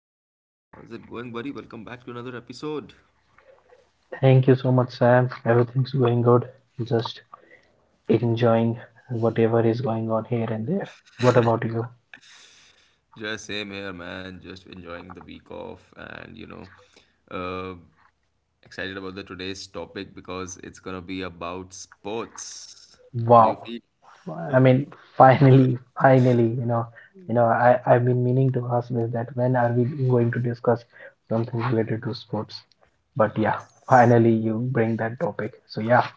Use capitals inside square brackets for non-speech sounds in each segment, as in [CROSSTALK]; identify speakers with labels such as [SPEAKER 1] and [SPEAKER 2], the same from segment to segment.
[SPEAKER 1] what's up? How's it going, buddy? Welcome back to another episode.
[SPEAKER 2] Thank you so much, Sam. Everything's going good. Just enjoying whatever is going on here and there. What about you?
[SPEAKER 1] Just same here, man. Just enjoying the week off, and you know, uh, excited about the today's topic because it's gonna be about sports. How do you
[SPEAKER 2] Wow.
[SPEAKER 1] feel?
[SPEAKER 2] I mean, finally, I've been meaning to ask this that when are we going to discuss something related to sports? But yeah,
[SPEAKER 1] Yes.
[SPEAKER 2] finally you bring that topic. So yeah.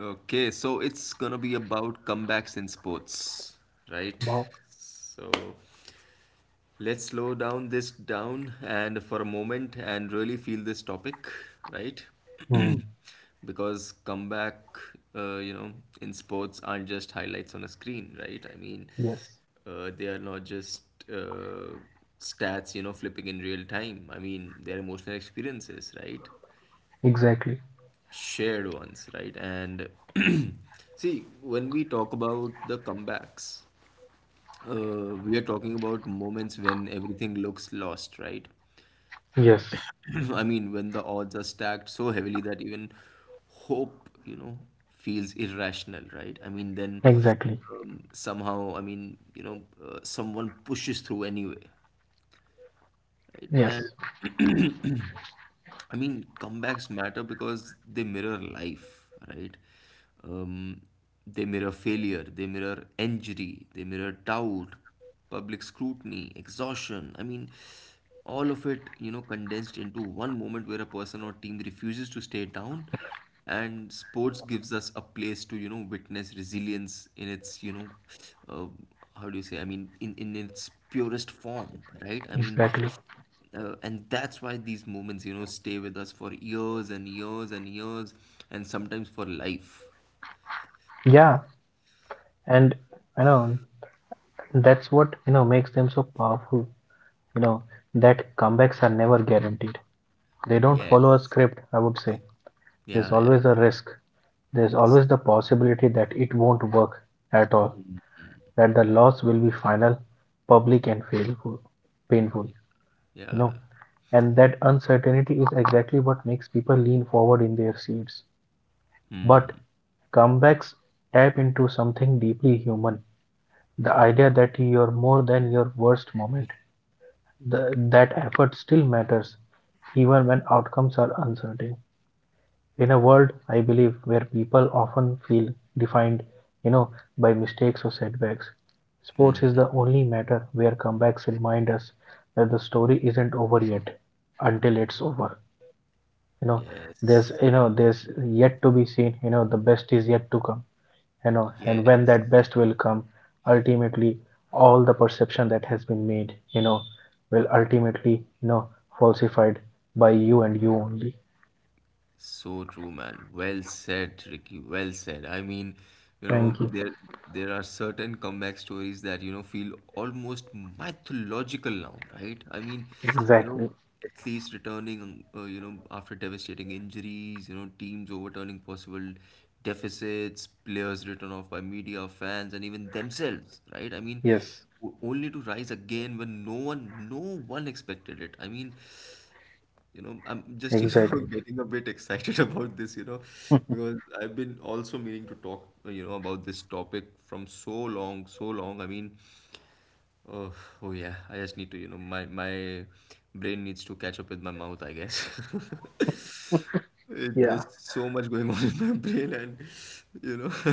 [SPEAKER 1] Okay, so it's gonna be about comebacks in sports, right?
[SPEAKER 2] Wow.
[SPEAKER 1] So let's slow down this down and for a moment and really feel this topic, right?
[SPEAKER 2] Hmm.
[SPEAKER 1] [CLEARS THROAT] Because comeback, uh, you know, in sports aren't just highlights on a screen, right? I mean,
[SPEAKER 2] Yes,
[SPEAKER 1] they are not just uh, stats, you know, flipping in real time. I mean, they're emotional experiences, right?
[SPEAKER 2] exactly.
[SPEAKER 1] Shared ones, right? And [CLEARS THROAT] see, when we talk about the comebacks, we are talking about moments when everything looks lost, right?
[SPEAKER 2] Yes,
[SPEAKER 1] [CLEARS THROAT] I mean, when the odds are stacked so heavily that even hope, you know, feels irrational, right? I mean, then
[SPEAKER 2] exactly.
[SPEAKER 1] somehow, I mean, you know, someone pushes through anyway, right?
[SPEAKER 2] Yes,
[SPEAKER 1] I mean, comebacks matter because they mirror life, right? Um, they mirror failure, they mirror injury, they mirror doubt, public scrutiny, exhaustion. I mean, all of it, you know, condensed into one moment where a person or team refuses to stay down. And sports gives us a place to, you know, witness resilience in its, uh, how do you say? I mean, in its purest form, right? I mean,
[SPEAKER 2] exactly.
[SPEAKER 1] and that's why these moments, you know, stay with us for years and years and years, and sometimes for life.
[SPEAKER 2] Yeah, and I know that's what makes them so powerful. You know that comebacks are never guaranteed. They don't follow a
[SPEAKER 1] Yes.
[SPEAKER 2] script. I would say there's
[SPEAKER 1] Yeah, yeah.
[SPEAKER 2] always a risk. There's
[SPEAKER 1] Yes.
[SPEAKER 2] always the possibility that it won't work at all, that the loss will be final, public, and painful. Painful. You
[SPEAKER 1] Yeah.
[SPEAKER 2] know, and that uncertainty is exactly what makes people lean forward in their seats. But comebacks tap into something deeply human, the idea that you're more than your worst moment. That effort still matters, even when outcomes are uncertain. In a world, I believe, where people often feel defined, you know, by mistakes or setbacks, sports is the only matter where comebacks remind us that the story isn't over yet until it's over. You know,
[SPEAKER 1] Yes.
[SPEAKER 2] there's yet to be seen, the best is yet to come, and when
[SPEAKER 1] Yes.
[SPEAKER 2] that best will come, ultimately all the perception that has been made will ultimately, you know falsified by you and you only.
[SPEAKER 1] So true, man. Well said, Ricky. Well said. I mean, you know,
[SPEAKER 2] Thank you.
[SPEAKER 1] there are certain comeback stories that, you know, feel almost mythological now, right? I mean, you know,
[SPEAKER 2] Exactly.
[SPEAKER 1] at least returning, you know, after devastating injuries, you know, teams overturning possible deficits, players written off by media, fans, and even themselves, right? I mean,
[SPEAKER 2] Yes.
[SPEAKER 1] only to rise again when no one expected it. I mean, you know, I'm just, you know, [LAUGHS]
[SPEAKER 2] Exactly.
[SPEAKER 1] getting a bit excited about this, you know, because I've been also meaning to talk, you know, about this topic from so long, so long. I mean, oh, oh yeah, I just need to, you know, my brain needs to catch up with my mouth, I guess. [LAUGHS] Eh,
[SPEAKER 2] Yeah.
[SPEAKER 1] there's so much going on in my brain, and you know, [LAUGHS]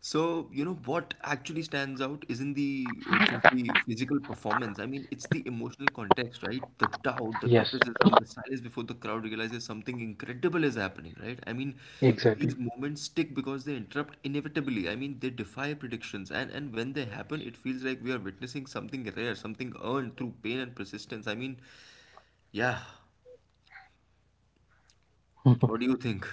[SPEAKER 1] So, you know, what actually stands out isn't the just the physical performance. I mean, it's the emotional context, right? The doubt, the
[SPEAKER 2] Yes.
[SPEAKER 1] criticism, the silence before the crowd realizes something incredible is happening, right? I mean,
[SPEAKER 2] Exactly.
[SPEAKER 1] these moments stick because they interrupt inevitably. I mean, they defy predictions, and when they happen, it feels like we are witnessing something rare, something earned through pain and persistence. I mean, yeah. What do you think?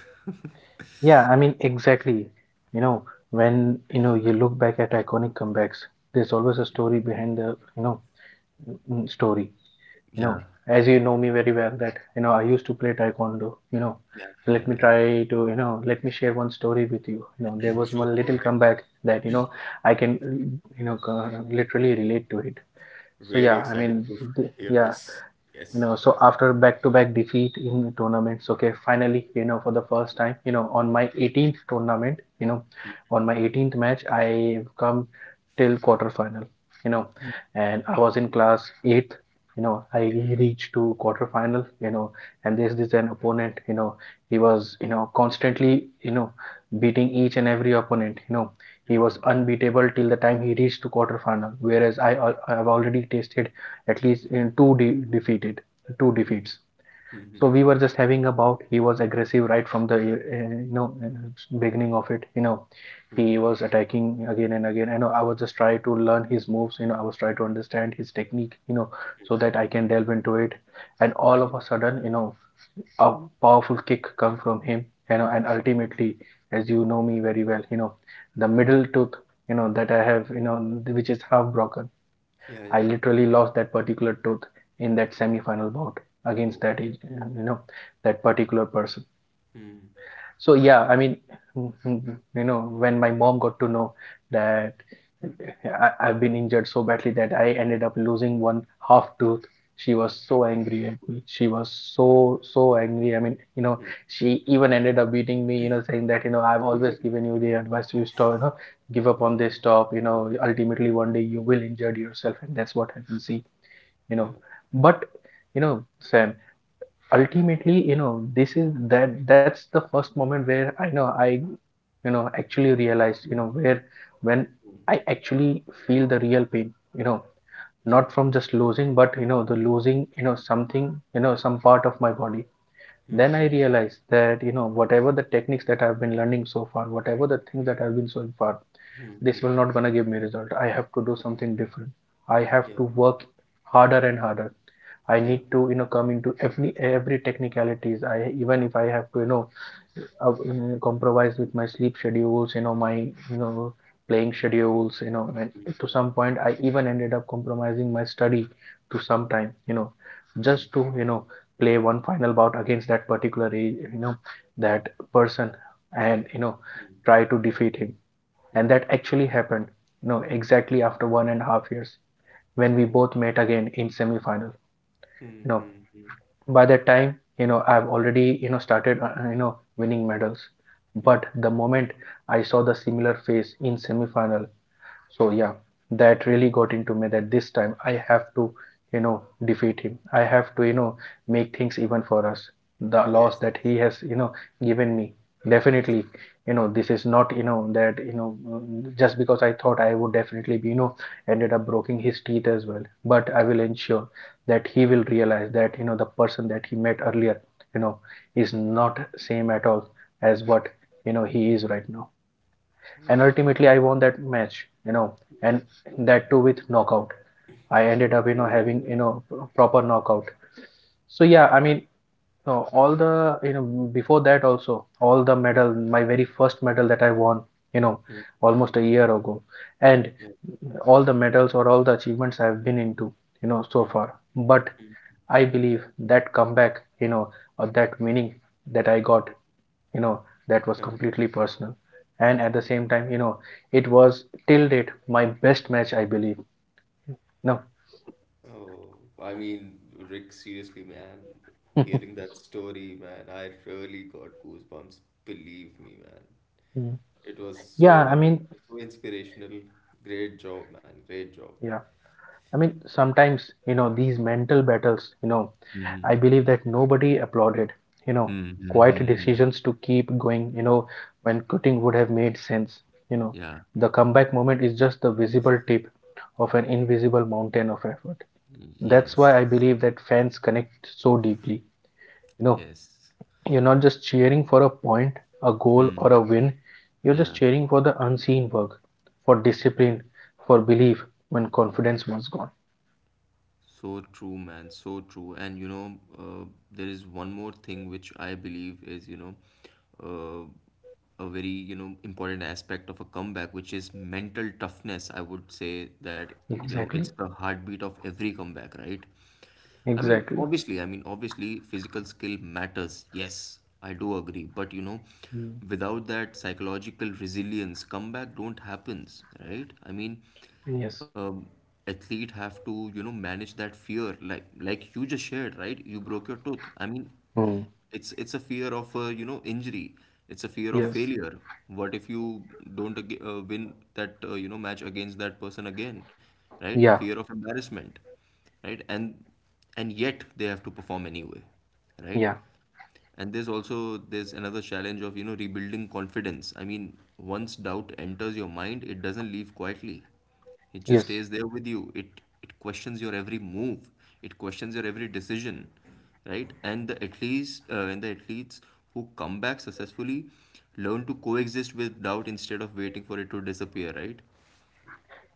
[SPEAKER 2] [LAUGHS] Yeah, I mean, exactly. you know when you look back at iconic comebacks, there's always a story behind the, you know story, you know
[SPEAKER 1] Yeah,
[SPEAKER 2] as you know me very well that I used to play taekwondo.
[SPEAKER 1] yeah,
[SPEAKER 2] So
[SPEAKER 1] yeah,
[SPEAKER 2] let me
[SPEAKER 1] yeah.
[SPEAKER 2] try to, let me share one story with you. You know There
[SPEAKER 1] [CLEARS THROAT]
[SPEAKER 2] was
[SPEAKER 1] Sure,
[SPEAKER 2] one
[SPEAKER 1] go
[SPEAKER 2] little
[SPEAKER 1] ahead.
[SPEAKER 2] comeback that, I can, you know uh, literally relate to it. So
[SPEAKER 1] Really
[SPEAKER 2] yeah, I
[SPEAKER 1] excited
[SPEAKER 2] mean,
[SPEAKER 1] to hear
[SPEAKER 2] yeah,
[SPEAKER 1] this. Yes.
[SPEAKER 2] so after back to back defeat in tournaments, okay, finally, for the first time, on my 18th tournament, on my 18th match I come till quarterfinal, you know and I was in class 8th. I
[SPEAKER 1] Okay.
[SPEAKER 2] reached to quarterfinal, and there's this an opponent. He was constantly beating each and every opponent. He
[SPEAKER 1] Mm-hmm.
[SPEAKER 2] was unbeatable till the time he reached to quarterfinal, whereas I have already tasted at least in two defeated two
[SPEAKER 1] Mm-hmm.
[SPEAKER 2] defeats.
[SPEAKER 1] Mm-hmm.
[SPEAKER 2] So we were just having about. He was aggressive right from the beginning of it. You know, he was attacking again and again. I know I was just trying to learn his moves. You know, I was trying to understand his technique. You know, so
[SPEAKER 1] Mm-hmm.
[SPEAKER 2] that I
[SPEAKER 1] Hmm.
[SPEAKER 2] can delve into it. And all
[SPEAKER 1] Yeah.
[SPEAKER 2] of a sudden, you know, a powerful kick come from him. You know, and ultimately, as you know me very well, you know, the middle tooth. You know that I have. You know, which is half broken.
[SPEAKER 1] Yeah.
[SPEAKER 2] I
[SPEAKER 1] Yeah.
[SPEAKER 2] literally lost that particular tooth in that semi-final bout against
[SPEAKER 1] Oh.
[SPEAKER 2] that, you know that particular person.
[SPEAKER 1] Mm-hmm.
[SPEAKER 2] So yeah, I mean, [LAUGHS] you know, when my mom got to know that I've been injured so badly that I ended up losing one half tooth. She was so angry at me. She was so, so angry. I mean, you know,
[SPEAKER 1] Mm-hmm.
[SPEAKER 2] she even ended up beating me, you know, saying that, you know, I've always given you the advice to stop, you know, give up
[SPEAKER 1] Uh,
[SPEAKER 2] on this, stop, you
[SPEAKER 1] uh, uh,
[SPEAKER 2] know,
[SPEAKER 1] uh,
[SPEAKER 2] ultimately one day you will injure yourself and that's what happens. See, you
[SPEAKER 1] yeah.
[SPEAKER 2] know but you know Sam, ultimately, this is that that's the first moment where I know I, actually realized, where when I
[SPEAKER 1] Mm.
[SPEAKER 2] actually feel the real pain, you know
[SPEAKER 1] Yeah.
[SPEAKER 2] not from just losing but, the losing, something, some part of my body. Then I
[SPEAKER 1] Mm-hmm.
[SPEAKER 2] realized that, whatever the techniques that I've been learning so far, whatever
[SPEAKER 1] Mm-hmm.
[SPEAKER 2] the things that I've been so far, this
[SPEAKER 1] Mm-hmm.
[SPEAKER 2] will not gonna give me result. I have to do something different. I
[SPEAKER 1] Yeah.
[SPEAKER 2] have to work harder and harder.
[SPEAKER 1] Yeah.
[SPEAKER 2] I need to, come into every technicalities. I, even if I have to, you know compromise with my sleep schedules, my, you know playing schedules, you know, and
[SPEAKER 1] Mm-hmm.
[SPEAKER 2] to some point I even ended up compromising my study to some time, you know, just to, play one final bout against that particular, you know that person, and,
[SPEAKER 1] Mm-hmm.
[SPEAKER 2] try to defeat him.
[SPEAKER 1] Yeah.
[SPEAKER 2] And that actually happened, you know, exactly
[SPEAKER 1] Mm.
[SPEAKER 2] after 1.5 years when we
[SPEAKER 1] Oh.
[SPEAKER 2] both met again in semi-final. You know,
[SPEAKER 1] Mm-hmm.
[SPEAKER 2] by that time I've already, started, winning medals.
[SPEAKER 1] Mm-hmm.
[SPEAKER 2] But the moment I saw the similar face in semi final, so yeah, that really got into me that this time I have to, you know, defeat him. I have to, you know, make things even for us. The loss
[SPEAKER 1] Yes.
[SPEAKER 2] that he has, you know, given me.
[SPEAKER 1] Yes.
[SPEAKER 2] Definitely, you know, this is not, you know, that, just because I thought I would definitely be, you know, ended up breaking his teeth as well. But I will ensure that he will realize that, you know, the person that he met earlier, you know, is not same at all as what, you know, he is right now, and
[SPEAKER 1] Oh.
[SPEAKER 2] ultimately I won that match, you know,
[SPEAKER 1] Yeah.
[SPEAKER 2] and that too with knockout. I ended up, you know, having,
[SPEAKER 1] Oh.
[SPEAKER 2] you know, proper knockout. So yeah, I mean, no, all the, you know, before that also, all the medal, my very first medal that I won, you know,
[SPEAKER 1] Mm.
[SPEAKER 2] almost a year ago, and
[SPEAKER 1] Yeah.
[SPEAKER 2] all the medals or all the achievements I've been into, you know, so far. But I believe that comeback, you know, or that winning that I got, you know that was
[SPEAKER 1] Mm-hmm.
[SPEAKER 2] completely personal, and at the same time, it was till date my best match I believe. No.
[SPEAKER 1] Oh, I mean, Rick, seriously, man, hearing
[SPEAKER 2] [LAUGHS]
[SPEAKER 1] that story, man, I really got goosebumps. Believe me, man. It was
[SPEAKER 2] Yeah,
[SPEAKER 1] so, I
[SPEAKER 2] I
[SPEAKER 1] mean,
[SPEAKER 2] mean,
[SPEAKER 1] it was so inspirational. Great job, man. Great job.
[SPEAKER 2] yeah, I mean, sometimes, these mental battles,
[SPEAKER 1] Mm-hmm.
[SPEAKER 2] I believe that nobody applauded, you know
[SPEAKER 1] Hmm, hmm,
[SPEAKER 2] quiet
[SPEAKER 1] hmm, hmm.
[SPEAKER 2] decisions to keep going, when quitting would have made sense. you know
[SPEAKER 1] Yeah.
[SPEAKER 2] the comeback moment is just the visible tip of an invisible mountain of effort. That's why
[SPEAKER 1] Yes.
[SPEAKER 2] I believe that fans connect so deeply, you know
[SPEAKER 1] Yes.
[SPEAKER 2] you're not just cheering for a point, a goal, or a win. You're just
[SPEAKER 1] Yeah.
[SPEAKER 2] cheering for the unseen work, for discipline, for belief when confidence was gone.
[SPEAKER 1] So true, man. So true. And you know, there is one more thing which I believe is, you know, a very, you know, important aspect of a comeback, which is mental toughness. I would say that, you know, it's
[SPEAKER 2] Exactly.
[SPEAKER 1] the heartbeat of every comeback, right?
[SPEAKER 2] Exactly.
[SPEAKER 1] I mean, obviously, physical skill matters. Yes, I do agree. But, you know,
[SPEAKER 2] Mm.
[SPEAKER 1] without that psychological resilience, comeback don't happens, right? I mean,
[SPEAKER 2] Yes.
[SPEAKER 1] um, athlete have to you know manage that fear, like you just shared, right? You broke your tooth. I mean,
[SPEAKER 2] Hmm.
[SPEAKER 1] it's a fear of you know, injury. It's a fear of
[SPEAKER 2] Yes.
[SPEAKER 1] failure. What if you don't win that you know, match against that person again, right?
[SPEAKER 2] Yeah.
[SPEAKER 1] Fear of embarrassment, right? And yet they have to perform anyway, right?
[SPEAKER 2] Yeah.
[SPEAKER 1] And there's also, there's another challenge of, you know, rebuilding confidence. I mean, once doubt enters your mind, it doesn't leave quietly. It just
[SPEAKER 2] Yes.
[SPEAKER 1] stays there with you. It questions your every move, it questions your every decision, right? And the athletes and the athletes who come back successfully learn to coexist with doubt instead of waiting for it to disappear, right?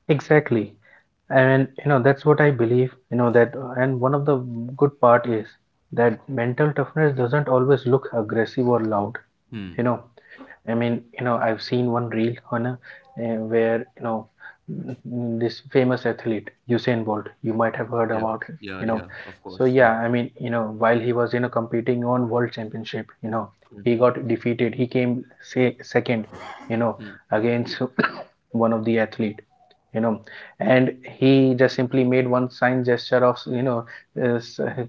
[SPEAKER 2] Exactly. And that's what I believe, that, and one of the good part is that mental toughness doesn't always look aggressive or loud. you know I mean, you know, I've seen one reel on a, where this famous athlete Usain Bolt. You might have
[SPEAKER 1] Yeah,
[SPEAKER 2] heard about him.
[SPEAKER 1] yeah,
[SPEAKER 2] You
[SPEAKER 1] yeah,
[SPEAKER 2] know,
[SPEAKER 1] of course,
[SPEAKER 2] so
[SPEAKER 1] yeah.
[SPEAKER 2] yeah, I mean, you know, while he was competing on World Championship, you know, he got
[SPEAKER 1] Mm-hmm.
[SPEAKER 2] defeated. He came, say, second, you know, against [COUGHS] one of the athlete. You know, and he just simply made one sign gesture of, uh,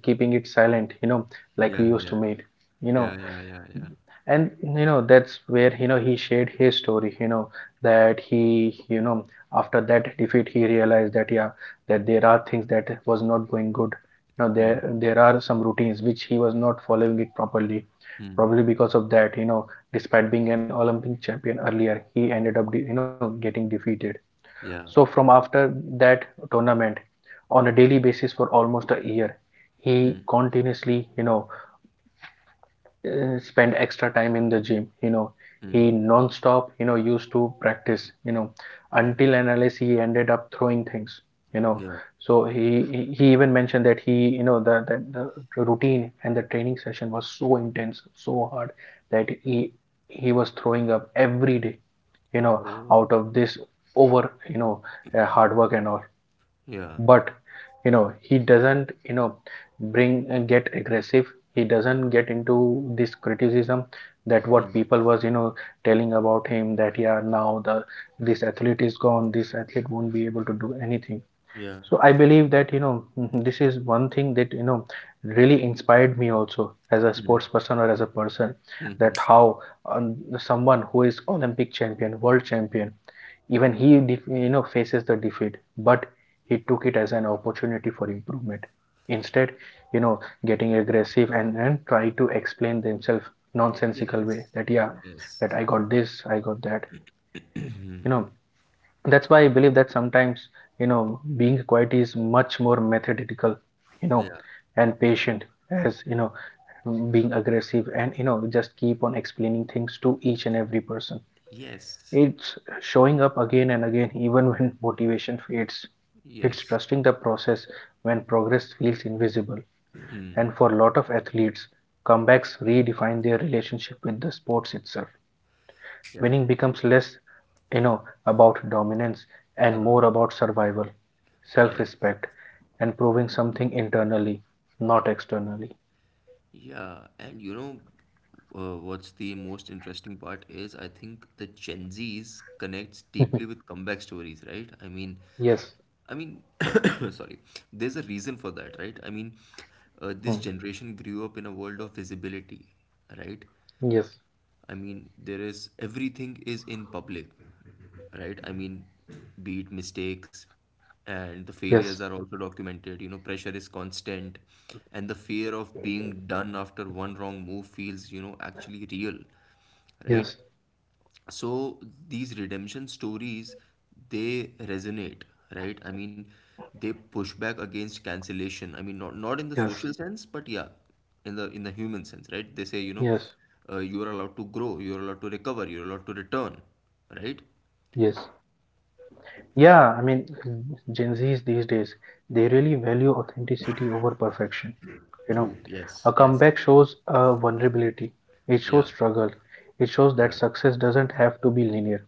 [SPEAKER 2] keeping it silent. You know, like we
[SPEAKER 1] Yeah,
[SPEAKER 2] used
[SPEAKER 1] yeah,
[SPEAKER 2] to make. You know,
[SPEAKER 1] yeah, yeah. Yeah, yeah.
[SPEAKER 2] and that's where he shared his story, that he, you know after that defeat he realized that yeah, that there are things that was not going good, there,
[SPEAKER 1] Hmm.
[SPEAKER 2] there are some routines which he was not following it properly,
[SPEAKER 1] Hmm.
[SPEAKER 2] probably because of that, despite being an Olympic champion earlier he ended up getting defeated. So
[SPEAKER 1] Yeah.
[SPEAKER 2] from after that tournament on a daily basis for almost a year he
[SPEAKER 1] Hmm.
[SPEAKER 2] continuously, spend extra time in the gym. He non-stop, used to practice, until and unless he ended up throwing things, you know
[SPEAKER 1] Yeah.
[SPEAKER 2] so he even mentioned that he, the routine and the training session was so intense so hard that he was throwing up every day, you know
[SPEAKER 1] Oh.
[SPEAKER 2] out of this, over, hard work and all.
[SPEAKER 1] Yeah.
[SPEAKER 2] But, he doesn't, bring and get aggressive. He doesn't get into this criticism that
[SPEAKER 1] Hmm.
[SPEAKER 2] what people was, telling about him that yeah, now the, this athlete is gone, this athlete won't be able to do anything.
[SPEAKER 1] Yeah.
[SPEAKER 2] So I believe that, [LAUGHS] this is one thing that, really inspired me also as a
[SPEAKER 1] Hmm.
[SPEAKER 2] sports person or as a person,
[SPEAKER 1] Mm-hmm.
[SPEAKER 2] that how, someone who is Olympic champion, world champion, even he, you know, faces the defeat, but he took it as an opportunity for improvement. Instead, you know, getting aggressive and try to explain themselves nonsensical
[SPEAKER 1] Yes.
[SPEAKER 2] way that, yeah,
[SPEAKER 1] Yes.
[SPEAKER 2] that I got this, I got that. You know, that's why I believe that sometimes, being quiet is much more methodical, you know,
[SPEAKER 1] Yeah.
[SPEAKER 2] and patient as, being aggressive and, just keep on explaining things to each and every person,
[SPEAKER 1] Yes.
[SPEAKER 2] it's showing up again and again, even when [LAUGHS] motivation fades. It's
[SPEAKER 1] Yes.
[SPEAKER 2] trusting the process when progress feels invisible. And for a lot of athletes, comebacks redefine their relationship with the sports itself.
[SPEAKER 1] Yeah.
[SPEAKER 2] Winning becomes less, about dominance and more
[SPEAKER 1] Huh.
[SPEAKER 2] about survival, self
[SPEAKER 1] Yes.
[SPEAKER 2] respect, and proving something internally, not externally.
[SPEAKER 1] Yeah. And you know, what's the most interesting part is, I think the Gen Zs connects deeply
[SPEAKER 2] [LAUGHS]
[SPEAKER 1] with comeback stories, right?
[SPEAKER 2] Yes.
[SPEAKER 1] I mean, [COUGHS] sorry, there's a reason for that, right? I mean,
[SPEAKER 2] Hmm.
[SPEAKER 1] this generation grew up in a world of visibility, right?
[SPEAKER 2] Yes,
[SPEAKER 1] I mean, there is everything is in public, right? I mean, be it mistakes, and the failures
[SPEAKER 2] yes,
[SPEAKER 1] are also documented. You know, pressure is constant, and the fear of being done after one wrong move feels, you know, actually real, right?
[SPEAKER 2] yes,
[SPEAKER 1] So these redemption stories, they resonate, right? I mean, they push back against cancellation. I mean, not in the
[SPEAKER 2] yes,
[SPEAKER 1] social sense, but yeah, in the human sense, right? They say, you know,
[SPEAKER 2] yes,
[SPEAKER 1] you are allowed to grow, you are allowed to recover, you're allowed to return, right?
[SPEAKER 2] yes. Yeah, I mean, [CLEARS THROAT] Gen Zs these days, they really value authenticity over perfection. You
[SPEAKER 1] True.
[SPEAKER 2] know,
[SPEAKER 1] Yes.
[SPEAKER 2] a
[SPEAKER 1] Yes.
[SPEAKER 2] comeback shows vulnerability, it shows
[SPEAKER 1] Yeah.
[SPEAKER 2] struggle, it shows that
[SPEAKER 1] Yeah.
[SPEAKER 2] success doesn't have to be linear.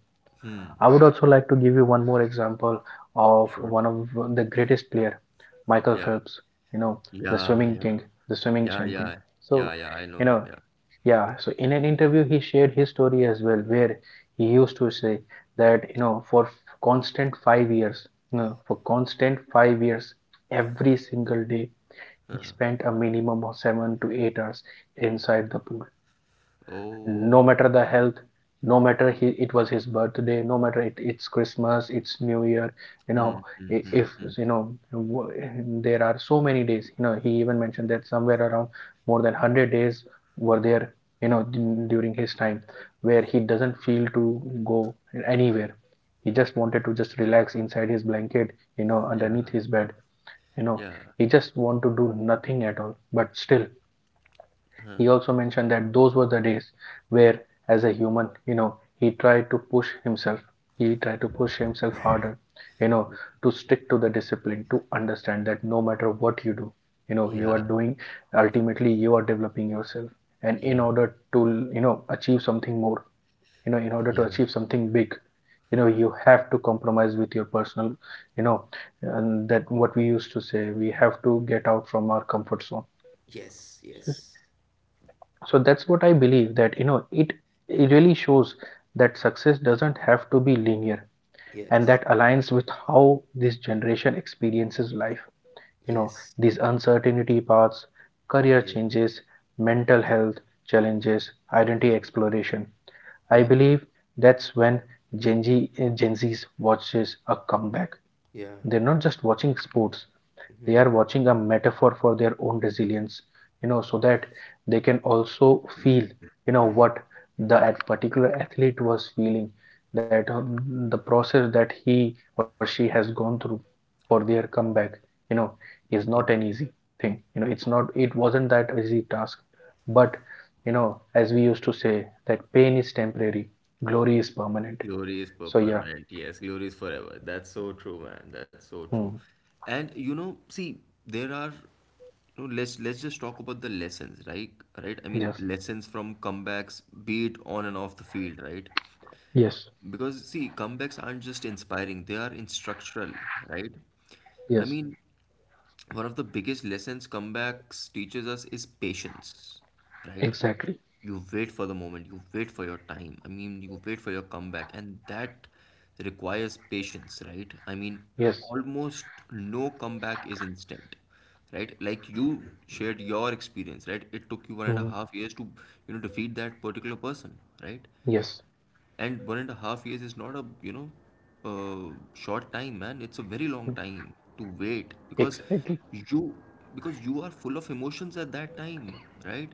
[SPEAKER 2] I would also like to give you one more example of
[SPEAKER 1] Sure.
[SPEAKER 2] one of the greatest player, Michael
[SPEAKER 1] Yeah,
[SPEAKER 2] Phelps, you know, the
[SPEAKER 1] yeah,
[SPEAKER 2] swimming
[SPEAKER 1] yeah,
[SPEAKER 2] king, the swimming
[SPEAKER 1] yeah,
[SPEAKER 2] champion.
[SPEAKER 1] yeah,
[SPEAKER 2] So,
[SPEAKER 1] yeah, yeah, I know
[SPEAKER 2] you
[SPEAKER 1] him,
[SPEAKER 2] know,
[SPEAKER 1] yeah.
[SPEAKER 2] yeah, so in an interview, he shared his story as well, where he used to say that, for constant 5 years, for constant 5 years, every single day, he
[SPEAKER 1] Huh.
[SPEAKER 2] spent a minimum of 7 to 8 hours inside the pool,
[SPEAKER 1] Oh.
[SPEAKER 2] no matter the health, no matter it was his birthday, no matter it's Christmas, it's New Year. You know
[SPEAKER 1] Hmm, hmm, hmm,
[SPEAKER 2] if
[SPEAKER 1] hmm.
[SPEAKER 2] you know there are so many days. He even mentioned that somewhere around more than 100 days were there, you know during his time, where he doesn't feel to go anywhere. He just wanted to just relax inside his blanket,
[SPEAKER 1] Yeah,
[SPEAKER 2] underneath his bed. you know
[SPEAKER 1] yeah.
[SPEAKER 2] he just want to do nothing at all, but still
[SPEAKER 1] Huh.
[SPEAKER 2] he also mentioned that those were the days where, as a human, he tried to push himself. He tried to push himself harder, you know, to stick to the discipline, to understand that no matter what you do, you are
[SPEAKER 1] Yeah,
[SPEAKER 2] doing, ultimately, you are developing yourself. And in
[SPEAKER 1] yeah.
[SPEAKER 2] order to, achieve something more, in order to
[SPEAKER 1] Yeah.
[SPEAKER 2] achieve something big, you have to compromise with your personal, you know, and that what we used to say, we have to get out from our comfort zone. So,
[SPEAKER 1] Yes, yes,
[SPEAKER 2] that's what I believe, that, it really shows that success doesn't have to be linear, and
[SPEAKER 1] yes,
[SPEAKER 2] that aligns with how this generation experiences life. you know
[SPEAKER 1] yes,
[SPEAKER 2] these uncertainty paths, career
[SPEAKER 1] yeah,
[SPEAKER 2] changes, mental health challenges, identity
[SPEAKER 1] yeah,
[SPEAKER 2] exploration. I
[SPEAKER 1] yeah,
[SPEAKER 2] believe that's when Gen Z's watches a comeback.
[SPEAKER 1] yeah.
[SPEAKER 2] They're not just watching sports, they are
[SPEAKER 1] Hmm.
[SPEAKER 2] watching a metaphor for their own resilience, so that they can also feel, what the particular athlete was feeling, that, the process that he or she has gone through for their comeback, you know is not an
[SPEAKER 1] Yeah.
[SPEAKER 2] easy thing. It wasn't that easy task. But, you know as we used to say, that pain is temporary, glory is permanent.
[SPEAKER 1] Glory is per
[SPEAKER 2] So yeah.
[SPEAKER 1] permanent. Yes, glory is forever. That's so true, man. That's so true.
[SPEAKER 2] Hmm.
[SPEAKER 1] And you know, see, there are, you know, let's just talk about the lessons, right? Right? I mean,
[SPEAKER 2] Yes,
[SPEAKER 1] lessons from comebacks, be it on and off the field, right?
[SPEAKER 2] yes,
[SPEAKER 1] Because see, comebacks aren't just inspiring, they are instructional, right? I
[SPEAKER 2] yes,
[SPEAKER 1] mean, one of the biggest lessons comebacks teaches us is patience, right?
[SPEAKER 2] exactly,
[SPEAKER 1] You wait for the moment, you wait for your time. I mean, you wait for your comeback, and that requires patience, right? I mean,
[SPEAKER 2] yes.
[SPEAKER 1] almost no comeback is instant, right? Like you shared your experience, right? It took you one and a
[SPEAKER 2] Hmm.
[SPEAKER 1] half years to, you know, defeat that particular person, right?
[SPEAKER 2] Yes.
[SPEAKER 1] And 1.5 years is not a, you know, short time, man. It's a very long
[SPEAKER 2] Mm.
[SPEAKER 1] time to wait,
[SPEAKER 2] Exactly.
[SPEAKER 1] you because you are full of emotions at that time, right?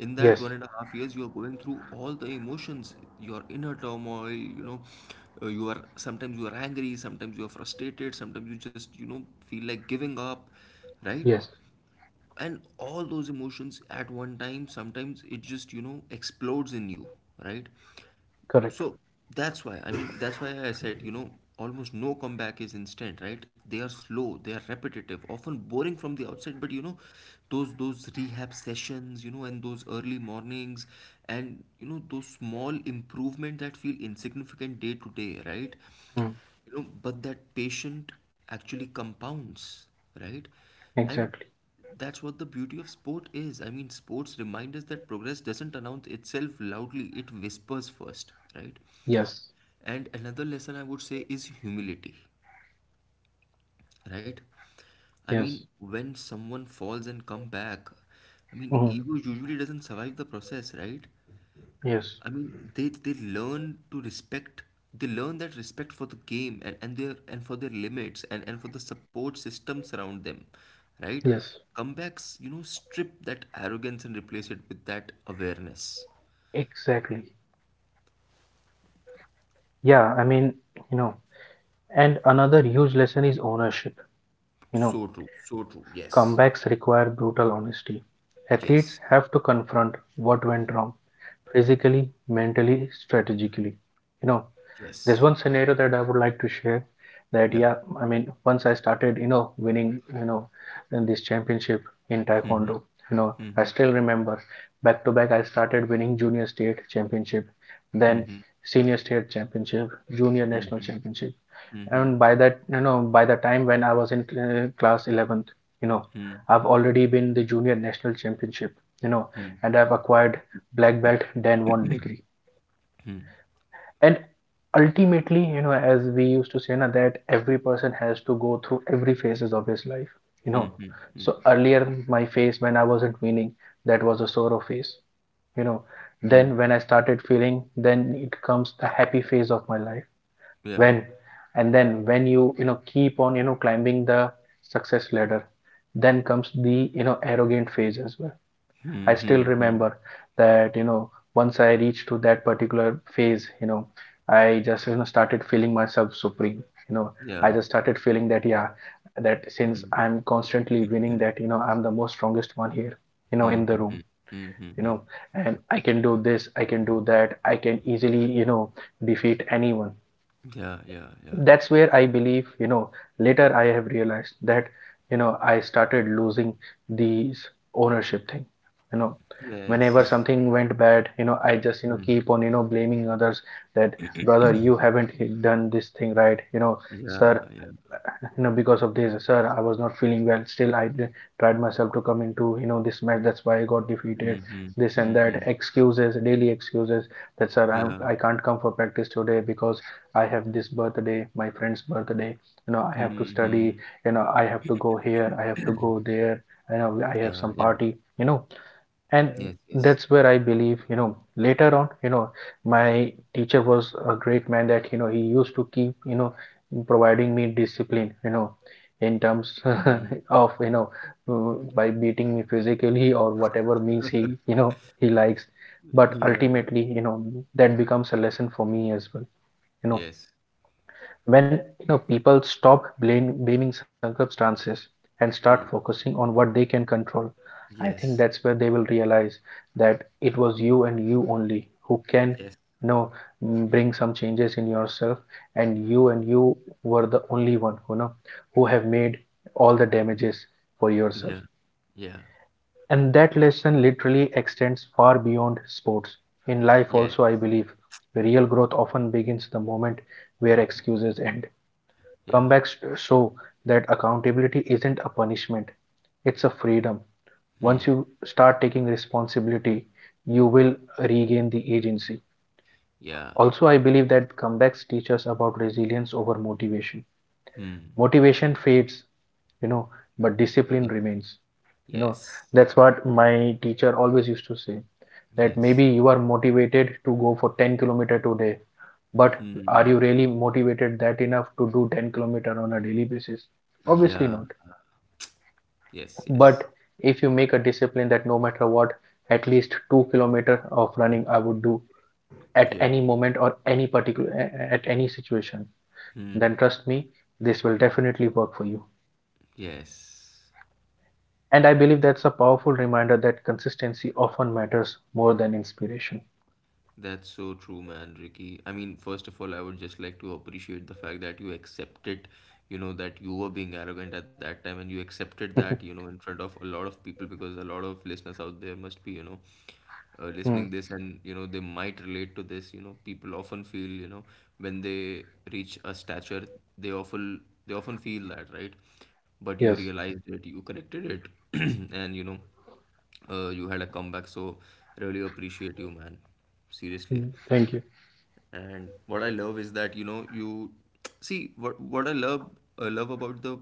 [SPEAKER 1] In that
[SPEAKER 2] Yes.
[SPEAKER 1] 1.5 years, you are going through all the emotions, your inner turmoil, you know, you are sometimes you are angry, sometimes you are frustrated, sometimes you just, you know, feel like giving up, right?
[SPEAKER 2] Yes.
[SPEAKER 1] And all those emotions at one time, sometimes it just, you know, explodes in you, right?
[SPEAKER 2] Correct.
[SPEAKER 1] So that's why, I mean, that's why I said, you know, almost no comeback is instant, right? They are slow, they are repetitive, often boring from the outside, but you know, those rehab sessions, you know, and those early mornings and you know, those small improvements that feel insignificant day to day, right?
[SPEAKER 2] Mm.
[SPEAKER 1] You know, but that patient actually compounds, right? And
[SPEAKER 2] Exactly.
[SPEAKER 1] that's what the beauty of sport is. I mean, sports remind us that progress doesn't announce itself loudly, it whispers first, right?
[SPEAKER 2] Yes.
[SPEAKER 1] And another lesson I would say is humility, right? I mean,
[SPEAKER 2] Yes.
[SPEAKER 1] when someone falls and come back, I mean,
[SPEAKER 2] Mhm.
[SPEAKER 1] ego usually doesn't survive the process, right?
[SPEAKER 2] Yes.
[SPEAKER 1] I mean, they learn to respect. They learn that respect for the game and their and for their limits and for the support systems around them, right?
[SPEAKER 2] Yes.
[SPEAKER 1] Comebacks, you know, strip that arrogance and replace it with that awareness.
[SPEAKER 2] Exactly. Yeah, I mean, you know, and another huge lesson is ownership. You know,
[SPEAKER 1] So true. So true. Yes.
[SPEAKER 2] comebacks require brutal honesty. Athletes
[SPEAKER 1] Yes.
[SPEAKER 2] have to confront what went wrong physically, mentally, strategically. You know, There's
[SPEAKER 1] Yes.
[SPEAKER 2] one scenario that I would like to share, that,
[SPEAKER 1] Yeah.
[SPEAKER 2] yeah, I mean, once I started, winning, in this championship in
[SPEAKER 1] Mm-hmm,
[SPEAKER 2] Taekwondo, I
[SPEAKER 1] mm-hmm,
[SPEAKER 2] still remember, back to back, I started winning junior state championship, then
[SPEAKER 1] mm-hmm.
[SPEAKER 2] senior state championship, junior national
[SPEAKER 1] Hmm,
[SPEAKER 2] championship.
[SPEAKER 1] hmm, hmm,
[SPEAKER 2] And by that, by the time when I was in class 11th, you know,
[SPEAKER 1] hmm,
[SPEAKER 2] I've already been the junior national championship, you know,
[SPEAKER 1] hmm,
[SPEAKER 2] and I've acquired black belt then one degree.
[SPEAKER 1] hmm,
[SPEAKER 2] And ultimately, as we used to say na, that every person has to go through every phases of his life, you
[SPEAKER 1] hmm,
[SPEAKER 2] know
[SPEAKER 1] hmm, hmm,
[SPEAKER 2] so earlier my phase when I wasn't winning, that was a sorrow phase. You know then
[SPEAKER 1] hmm.
[SPEAKER 2] when I started feeling, then it comes the happy phase of my life.
[SPEAKER 1] Yeah.
[SPEAKER 2] When, and then when you know keep on, climbing the success ladder, then comes the, arrogant phase as well.
[SPEAKER 1] Hmm,
[SPEAKER 2] I still
[SPEAKER 1] hmm, hmm.
[SPEAKER 2] remember that, once I reached to that particular phase, I just, started feeling myself supreme. You know, I
[SPEAKER 1] Yeah.
[SPEAKER 2] just started feeling that, yeah, that since
[SPEAKER 1] Hmm,
[SPEAKER 2] I'm constantly winning, that, I'm the most strongest one here,
[SPEAKER 1] hmm,
[SPEAKER 2] in the
[SPEAKER 1] hmm,
[SPEAKER 2] room,
[SPEAKER 1] hmm, hmm, hmm,
[SPEAKER 2] you
[SPEAKER 1] hmm.
[SPEAKER 2] know, and I can do this, I can do that, I can easily, defeat anyone.
[SPEAKER 1] Yeah, yeah, yeah.
[SPEAKER 2] That's where I believe, later I have realized that, I started losing these ownership thing, you know
[SPEAKER 1] Yes.
[SPEAKER 2] whenever something went bad, I just,
[SPEAKER 1] Mm-hmm.
[SPEAKER 2] keep on, blaming others. That, brother, you haven't done this thing right, sir,
[SPEAKER 1] Yeah, yeah.
[SPEAKER 2] because of this sir I was not feeling well, still I tried myself to come into, this match, that's why I got defeated.
[SPEAKER 1] Mm-hmm.
[SPEAKER 2] This and that
[SPEAKER 1] Mm-hmm.
[SPEAKER 2] excuses, daily excuses. That sir,
[SPEAKER 1] Yeah.
[SPEAKER 2] I can't come for practice today because I have this birthday, my friend's birthday. I have to study.
[SPEAKER 1] Mm-hmm.
[SPEAKER 2] I have to go here, I have to go there. I have
[SPEAKER 1] Yeah,
[SPEAKER 2] some
[SPEAKER 1] yeah.
[SPEAKER 2] party. And
[SPEAKER 1] Yes, yes.
[SPEAKER 2] that's where I believe. Later on, my teacher was a great man. That, he used to keep. Providing me discipline. In terms
[SPEAKER 1] Mm-hmm.
[SPEAKER 2] [LAUGHS] of, by beating me physically or whatever means he, he likes. But
[SPEAKER 1] Yeah.
[SPEAKER 2] ultimately, that becomes a lesson for me as well. you know
[SPEAKER 1] Yes.
[SPEAKER 2] when people stop blaming circumstances and start
[SPEAKER 1] Mm.
[SPEAKER 2] focusing on what they can control. I think
[SPEAKER 1] Yes.
[SPEAKER 2] that's where they will realize that it was you and you only who can,
[SPEAKER 1] Yes.
[SPEAKER 2] you know bring some changes in yourself. And you and you were the only one who know, who have made all the damages for
[SPEAKER 1] Yeah.
[SPEAKER 2] yourself.
[SPEAKER 1] Yeah.
[SPEAKER 2] And that lesson literally extends far beyond sports. In life
[SPEAKER 1] Yes.
[SPEAKER 2] also I believe real growth often begins the moment where excuses end.
[SPEAKER 1] Yeah.
[SPEAKER 2] Comebacks show that accountability isn't a punishment, it's a freedom. Once
[SPEAKER 1] Hmm.
[SPEAKER 2] you start taking responsibility, you will regain the agency.
[SPEAKER 1] Yeah.
[SPEAKER 2] Also, I believe that comebacks teach us about resilience over motivation.
[SPEAKER 1] Hmm.
[SPEAKER 2] Motivation fades, you know, but discipline
[SPEAKER 1] Yes.
[SPEAKER 2] remains. You know,
[SPEAKER 1] Yes.
[SPEAKER 2] that's what my teacher always used to say, that
[SPEAKER 1] Yes.
[SPEAKER 2] maybe you are motivated to go for 10 kilometer today, but are you
[SPEAKER 1] Hmm.
[SPEAKER 2] really motivated that enough to do 10 kilometer on a daily basis? Obviously
[SPEAKER 1] Yeah.
[SPEAKER 2] not.
[SPEAKER 1] Yes. Yes.
[SPEAKER 2] But if you make a discipline that no matter what, at least 2 kilometer of running I would do at
[SPEAKER 1] Yeah.
[SPEAKER 2] any moment or any particular, at any situation,
[SPEAKER 1] Hmm.
[SPEAKER 2] then trust me, this will definitely work for you.
[SPEAKER 1] Yes.
[SPEAKER 2] And I believe that's a powerful reminder that consistency often matters more than inspiration.
[SPEAKER 1] That's so true, man, Ricky. I mean, first of all, I would just like to appreciate the fact that you accepted, you know, that you were being arrogant at that time and you accepted that, you know,
[SPEAKER 2] [LAUGHS]
[SPEAKER 1] in front of a lot of people because a lot of listeners out there must be, you know,
[SPEAKER 2] Hmm.
[SPEAKER 1] listening this and, you know, they might relate to this. You know, people often feel, you know, when they reach a stature, they often feel that, right? But you
[SPEAKER 2] Yes.
[SPEAKER 1] realized it, you corrected it, [CLEARS THROAT] and you had a comeback, so really appreciate you, man. Seriously.
[SPEAKER 2] Hmm. Thank you.
[SPEAKER 1] And what I love is that, you know, you see what I love about the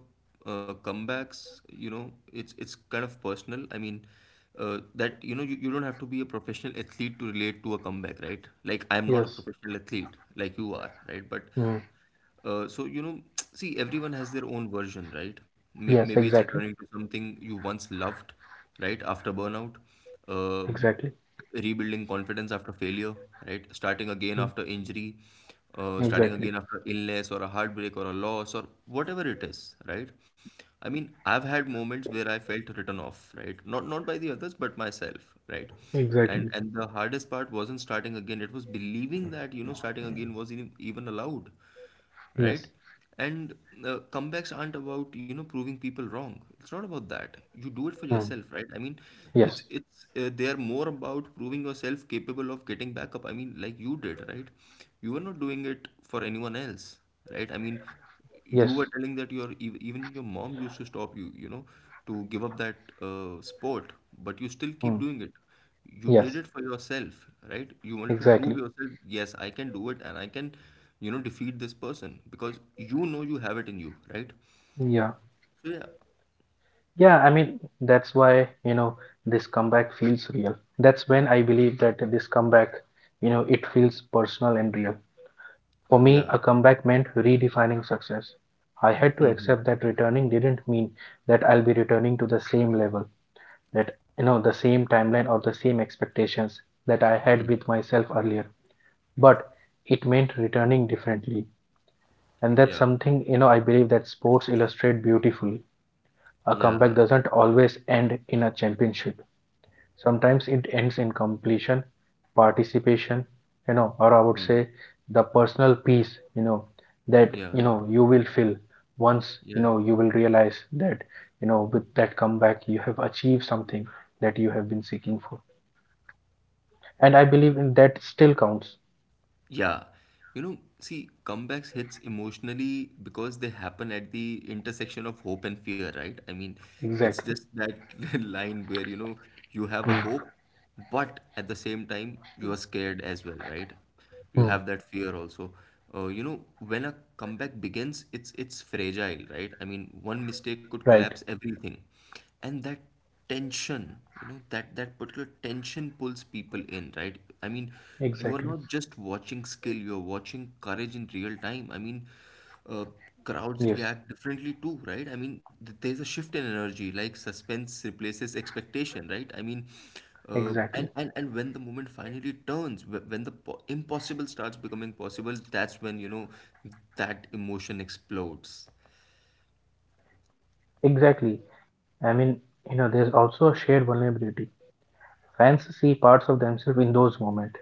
[SPEAKER 1] comebacks, you know, it's kind of personal. I mean, that, you know, you don't have to be a professional athlete to relate to a comeback, right? Like, I'm not a
[SPEAKER 2] Yes.
[SPEAKER 1] professional athlete like you are, right? But
[SPEAKER 2] Hmm.
[SPEAKER 1] uh, so, you know, [TSK] see, everyone has their own version, right? May
[SPEAKER 2] Yes.
[SPEAKER 1] maybe it's
[SPEAKER 2] Exactly.
[SPEAKER 1] returning to something you once loved, right? After burnout, uh,
[SPEAKER 2] Exactly.
[SPEAKER 1] rebuilding confidence after failure, right? Starting again
[SPEAKER 2] Hmm.
[SPEAKER 1] after injury, starting
[SPEAKER 2] Exactly.
[SPEAKER 1] again after illness or a heartbreak or a loss or whatever it is, right? I mean, I've had moments where I felt written off, right? Not by the others, but myself, right? And
[SPEAKER 2] Exactly.
[SPEAKER 1] and the hardest part wasn't starting again. It was believing that, you know, starting again was even allowed, right?
[SPEAKER 2] Yes.
[SPEAKER 1] And comebacks aren't about, you know, proving people wrong. It's not about that. You do it for
[SPEAKER 2] Hmm.
[SPEAKER 1] yourself, right? I mean,
[SPEAKER 2] Yes.
[SPEAKER 1] it's they are more about proving yourself capable of getting back up. I mean, like you did, right? You were not doing it for anyone else, right? I mean, you
[SPEAKER 2] Yes.
[SPEAKER 1] were telling that your even your mom used to stop you, you know, to give up that sport, but you still keep
[SPEAKER 2] Hmm.
[SPEAKER 1] doing it. You did
[SPEAKER 2] Yes.
[SPEAKER 1] it for yourself, right? You wanted to prove
[SPEAKER 2] Exactly.
[SPEAKER 1] yourself, yes, I can do it, and I can, you know, defeat this person, because you know you have it in you, right?
[SPEAKER 2] Yeah.
[SPEAKER 1] So yeah,
[SPEAKER 2] Yeah, I mean, that's why, this comeback feels real. That's when I believe that this comeback, it feels personal and real. For me,
[SPEAKER 1] yeah,
[SPEAKER 2] a comeback meant redefining success. I had
[SPEAKER 1] hmm,
[SPEAKER 2] to
[SPEAKER 1] hmm,
[SPEAKER 2] accept that returning didn't mean that I'll be returning to the same level, that, the same timeline or the same expectations that I had
[SPEAKER 1] hmm,
[SPEAKER 2] with myself earlier. But it meant returning differently. And that's
[SPEAKER 1] yeah,
[SPEAKER 2] something, I believe that sports illustrate beautifully. A
[SPEAKER 1] yeah,
[SPEAKER 2] comeback doesn't always end in a championship, sometimes it ends in completion, participation, or I would
[SPEAKER 1] hmm,
[SPEAKER 2] say the personal peace,
[SPEAKER 1] yeah,
[SPEAKER 2] you will feel, once,
[SPEAKER 1] yeah.
[SPEAKER 2] you will realize that, with that comeback you have achieved something that you have been seeking for. And I believe in that still counts.
[SPEAKER 1] Yeah. You know, see, comebacks hits emotionally because they happen at the intersection of hope and fear, right? I mean, it's
[SPEAKER 2] Exactly.
[SPEAKER 1] just that [LAUGHS] line where, you know, you have a
[SPEAKER 2] Hmm.
[SPEAKER 1] hope, but at the same time, you are scared as well, right? You
[SPEAKER 2] Hmm.
[SPEAKER 1] have that fear also. You know, when a comeback begins, it's fragile, right? I mean, one mistake could
[SPEAKER 2] Right.
[SPEAKER 1] collapse everything. And that tension, you know, that particular tension pulls people in, right? I mean, you are
[SPEAKER 2] Exactly.
[SPEAKER 1] not just watching skill, you're watching courage in real time. I mean, uh, crowds
[SPEAKER 2] Yes.
[SPEAKER 1] react differently too, right? I mean, there's a shift in energy, like suspense replaces expectation, right? I mean, uh, and,
[SPEAKER 2] Exactly.
[SPEAKER 1] and and when the moment finally turns, impossible starts becoming possible, that's when, you know, that emotion explodes.
[SPEAKER 2] Exactly. I mean, there's also a shared vulnerability, fans see parts of themselves in those moments,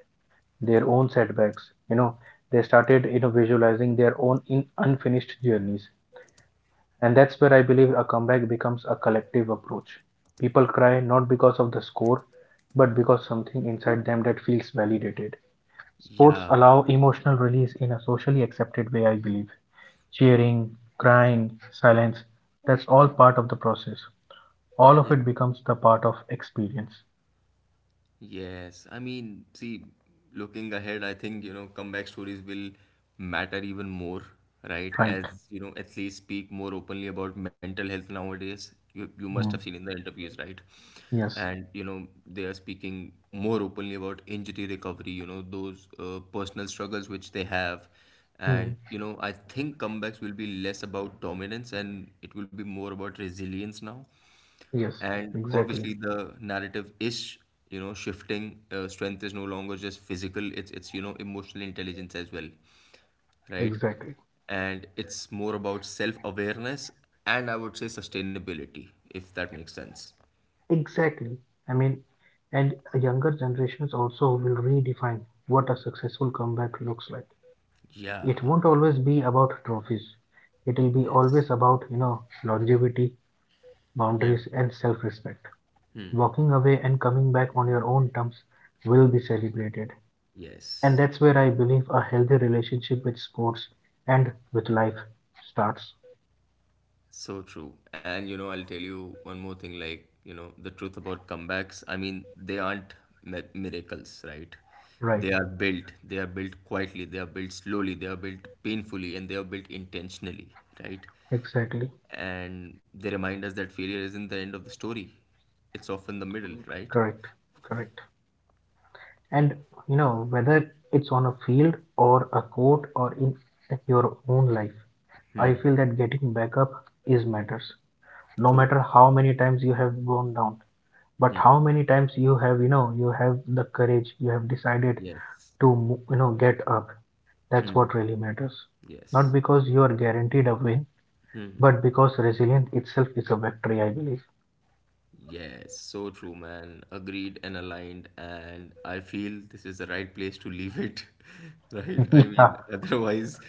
[SPEAKER 2] their own setbacks. You know they started, visualizing their own in unfinished journeys. And that's where I believe a comeback becomes a collective approach. People cry not because of the score, but because something inside them that feels validated. Sports
[SPEAKER 1] Yeah,
[SPEAKER 2] allow emotional release in a socially accepted way, I believe. Cheering, crying, silence, that's all part of the process. All of
[SPEAKER 1] yeah.
[SPEAKER 2] it becomes the part of experience.
[SPEAKER 1] Yes, I mean, see, looking ahead, I think, you know, comeback stories will matter even more, right?
[SPEAKER 2] Right.
[SPEAKER 1] As, you know, athletes speak more openly about mental health nowadays. You must have
[SPEAKER 2] Mm.
[SPEAKER 1] seen in the interviews, right?
[SPEAKER 2] Yes.
[SPEAKER 1] And, you know, they are speaking more openly about injury recovery, you know, those personal struggles which they have.
[SPEAKER 2] Mm.
[SPEAKER 1] And, you know, I think comebacks will be less about dominance and it will be more about resilience now.
[SPEAKER 2] Yes.
[SPEAKER 1] And
[SPEAKER 2] Exactly.
[SPEAKER 1] obviously, the narrative is, you know, shifting. Strength is no longer just physical, it's, you know, emotional intelligence as well, right?
[SPEAKER 2] Exactly.
[SPEAKER 1] And it's more about self-awareness, and I would say sustainability, if that makes sense.
[SPEAKER 2] Exactly. I mean, and younger generations also will redefine what a successful comeback looks like.
[SPEAKER 1] Yeah.
[SPEAKER 2] It won't always be about trophies. It will be
[SPEAKER 1] Yes.
[SPEAKER 2] always about, longevity,
[SPEAKER 1] Yeah.
[SPEAKER 2] boundaries, and self-respect. Walking away and coming back on your own terms will be celebrated. And
[SPEAKER 1] Yes.
[SPEAKER 2] that's where I believe a healthy relationship with sports and with life starts.
[SPEAKER 1] So true. And you know, I'll tell you one more thing, like, you know, the truth about comebacks. I mean, they aren't miracles, right?
[SPEAKER 2] Right.
[SPEAKER 1] They are built. They are built quietly. They are built slowly. They are built painfully. And they are built intentionally, right?
[SPEAKER 2] Exactly.
[SPEAKER 1] And they remind us that failure isn't the end of the story, it's often the middle, right?
[SPEAKER 2] Correct. Correct. And, whether it's on a field or a court or in your own life, I feel that getting back up is matters. No
[SPEAKER 1] True.
[SPEAKER 2] matter how many times you have gone down, but
[SPEAKER 1] Hmm.
[SPEAKER 2] how many times you have, you have the courage, you have decided
[SPEAKER 1] Yes.
[SPEAKER 2] to, get up. That's
[SPEAKER 1] Hmm.
[SPEAKER 2] what really matters. Not
[SPEAKER 1] Yes.
[SPEAKER 2] because you are guaranteed a win,
[SPEAKER 1] Hmm.
[SPEAKER 2] but because resilience itself is a victory, I believe.
[SPEAKER 1] Yes, so true, man. Agreed and aligned. And I feel this is the right place to leave it, [LAUGHS] right?
[SPEAKER 2] [LAUGHS]
[SPEAKER 1] I
[SPEAKER 2] Yeah,
[SPEAKER 1] mean, otherwise,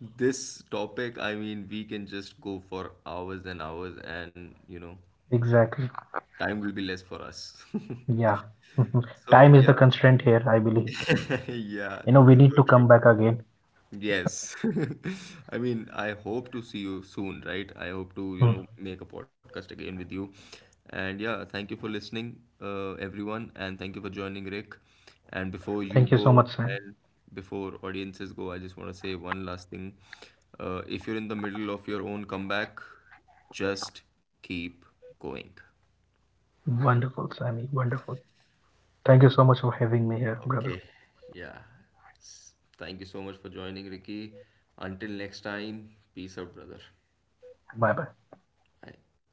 [SPEAKER 1] this topic, I mean, we can just go for hours and hours, and you know,
[SPEAKER 2] exactly.
[SPEAKER 1] time will be less for us.
[SPEAKER 2] Yeah.
[SPEAKER 1] [LAUGHS]
[SPEAKER 2] [LAUGHS]
[SPEAKER 1] So,
[SPEAKER 2] Time is the
[SPEAKER 1] yeah,
[SPEAKER 2] constraint here, I believe.
[SPEAKER 1] [LAUGHS] yeah,
[SPEAKER 2] We need
[SPEAKER 1] so
[SPEAKER 2] to
[SPEAKER 1] true.
[SPEAKER 2] come back again.
[SPEAKER 1] Yes. [LAUGHS] I mean, I hope to see you soon, right? I hope to, you know,
[SPEAKER 2] [LAUGHS]
[SPEAKER 1] make a podcast again with you. And yeah, thank you for listening, everyone, and thank you for joining, Rick. And before you
[SPEAKER 2] Thank you so
[SPEAKER 1] go,
[SPEAKER 2] much, Sam.
[SPEAKER 1] and before audiences go, I just want to say one last thing. If you're in the middle of your own comeback, just keep going.
[SPEAKER 2] Wonderful, Sammy. Wonderful. Thank you so much for having me here, brother.
[SPEAKER 1] Okay. Yeah. Thank you so much for joining, Ricky. Until next time, peace out, brother.
[SPEAKER 2] Bye bye.
[SPEAKER 1] Bye.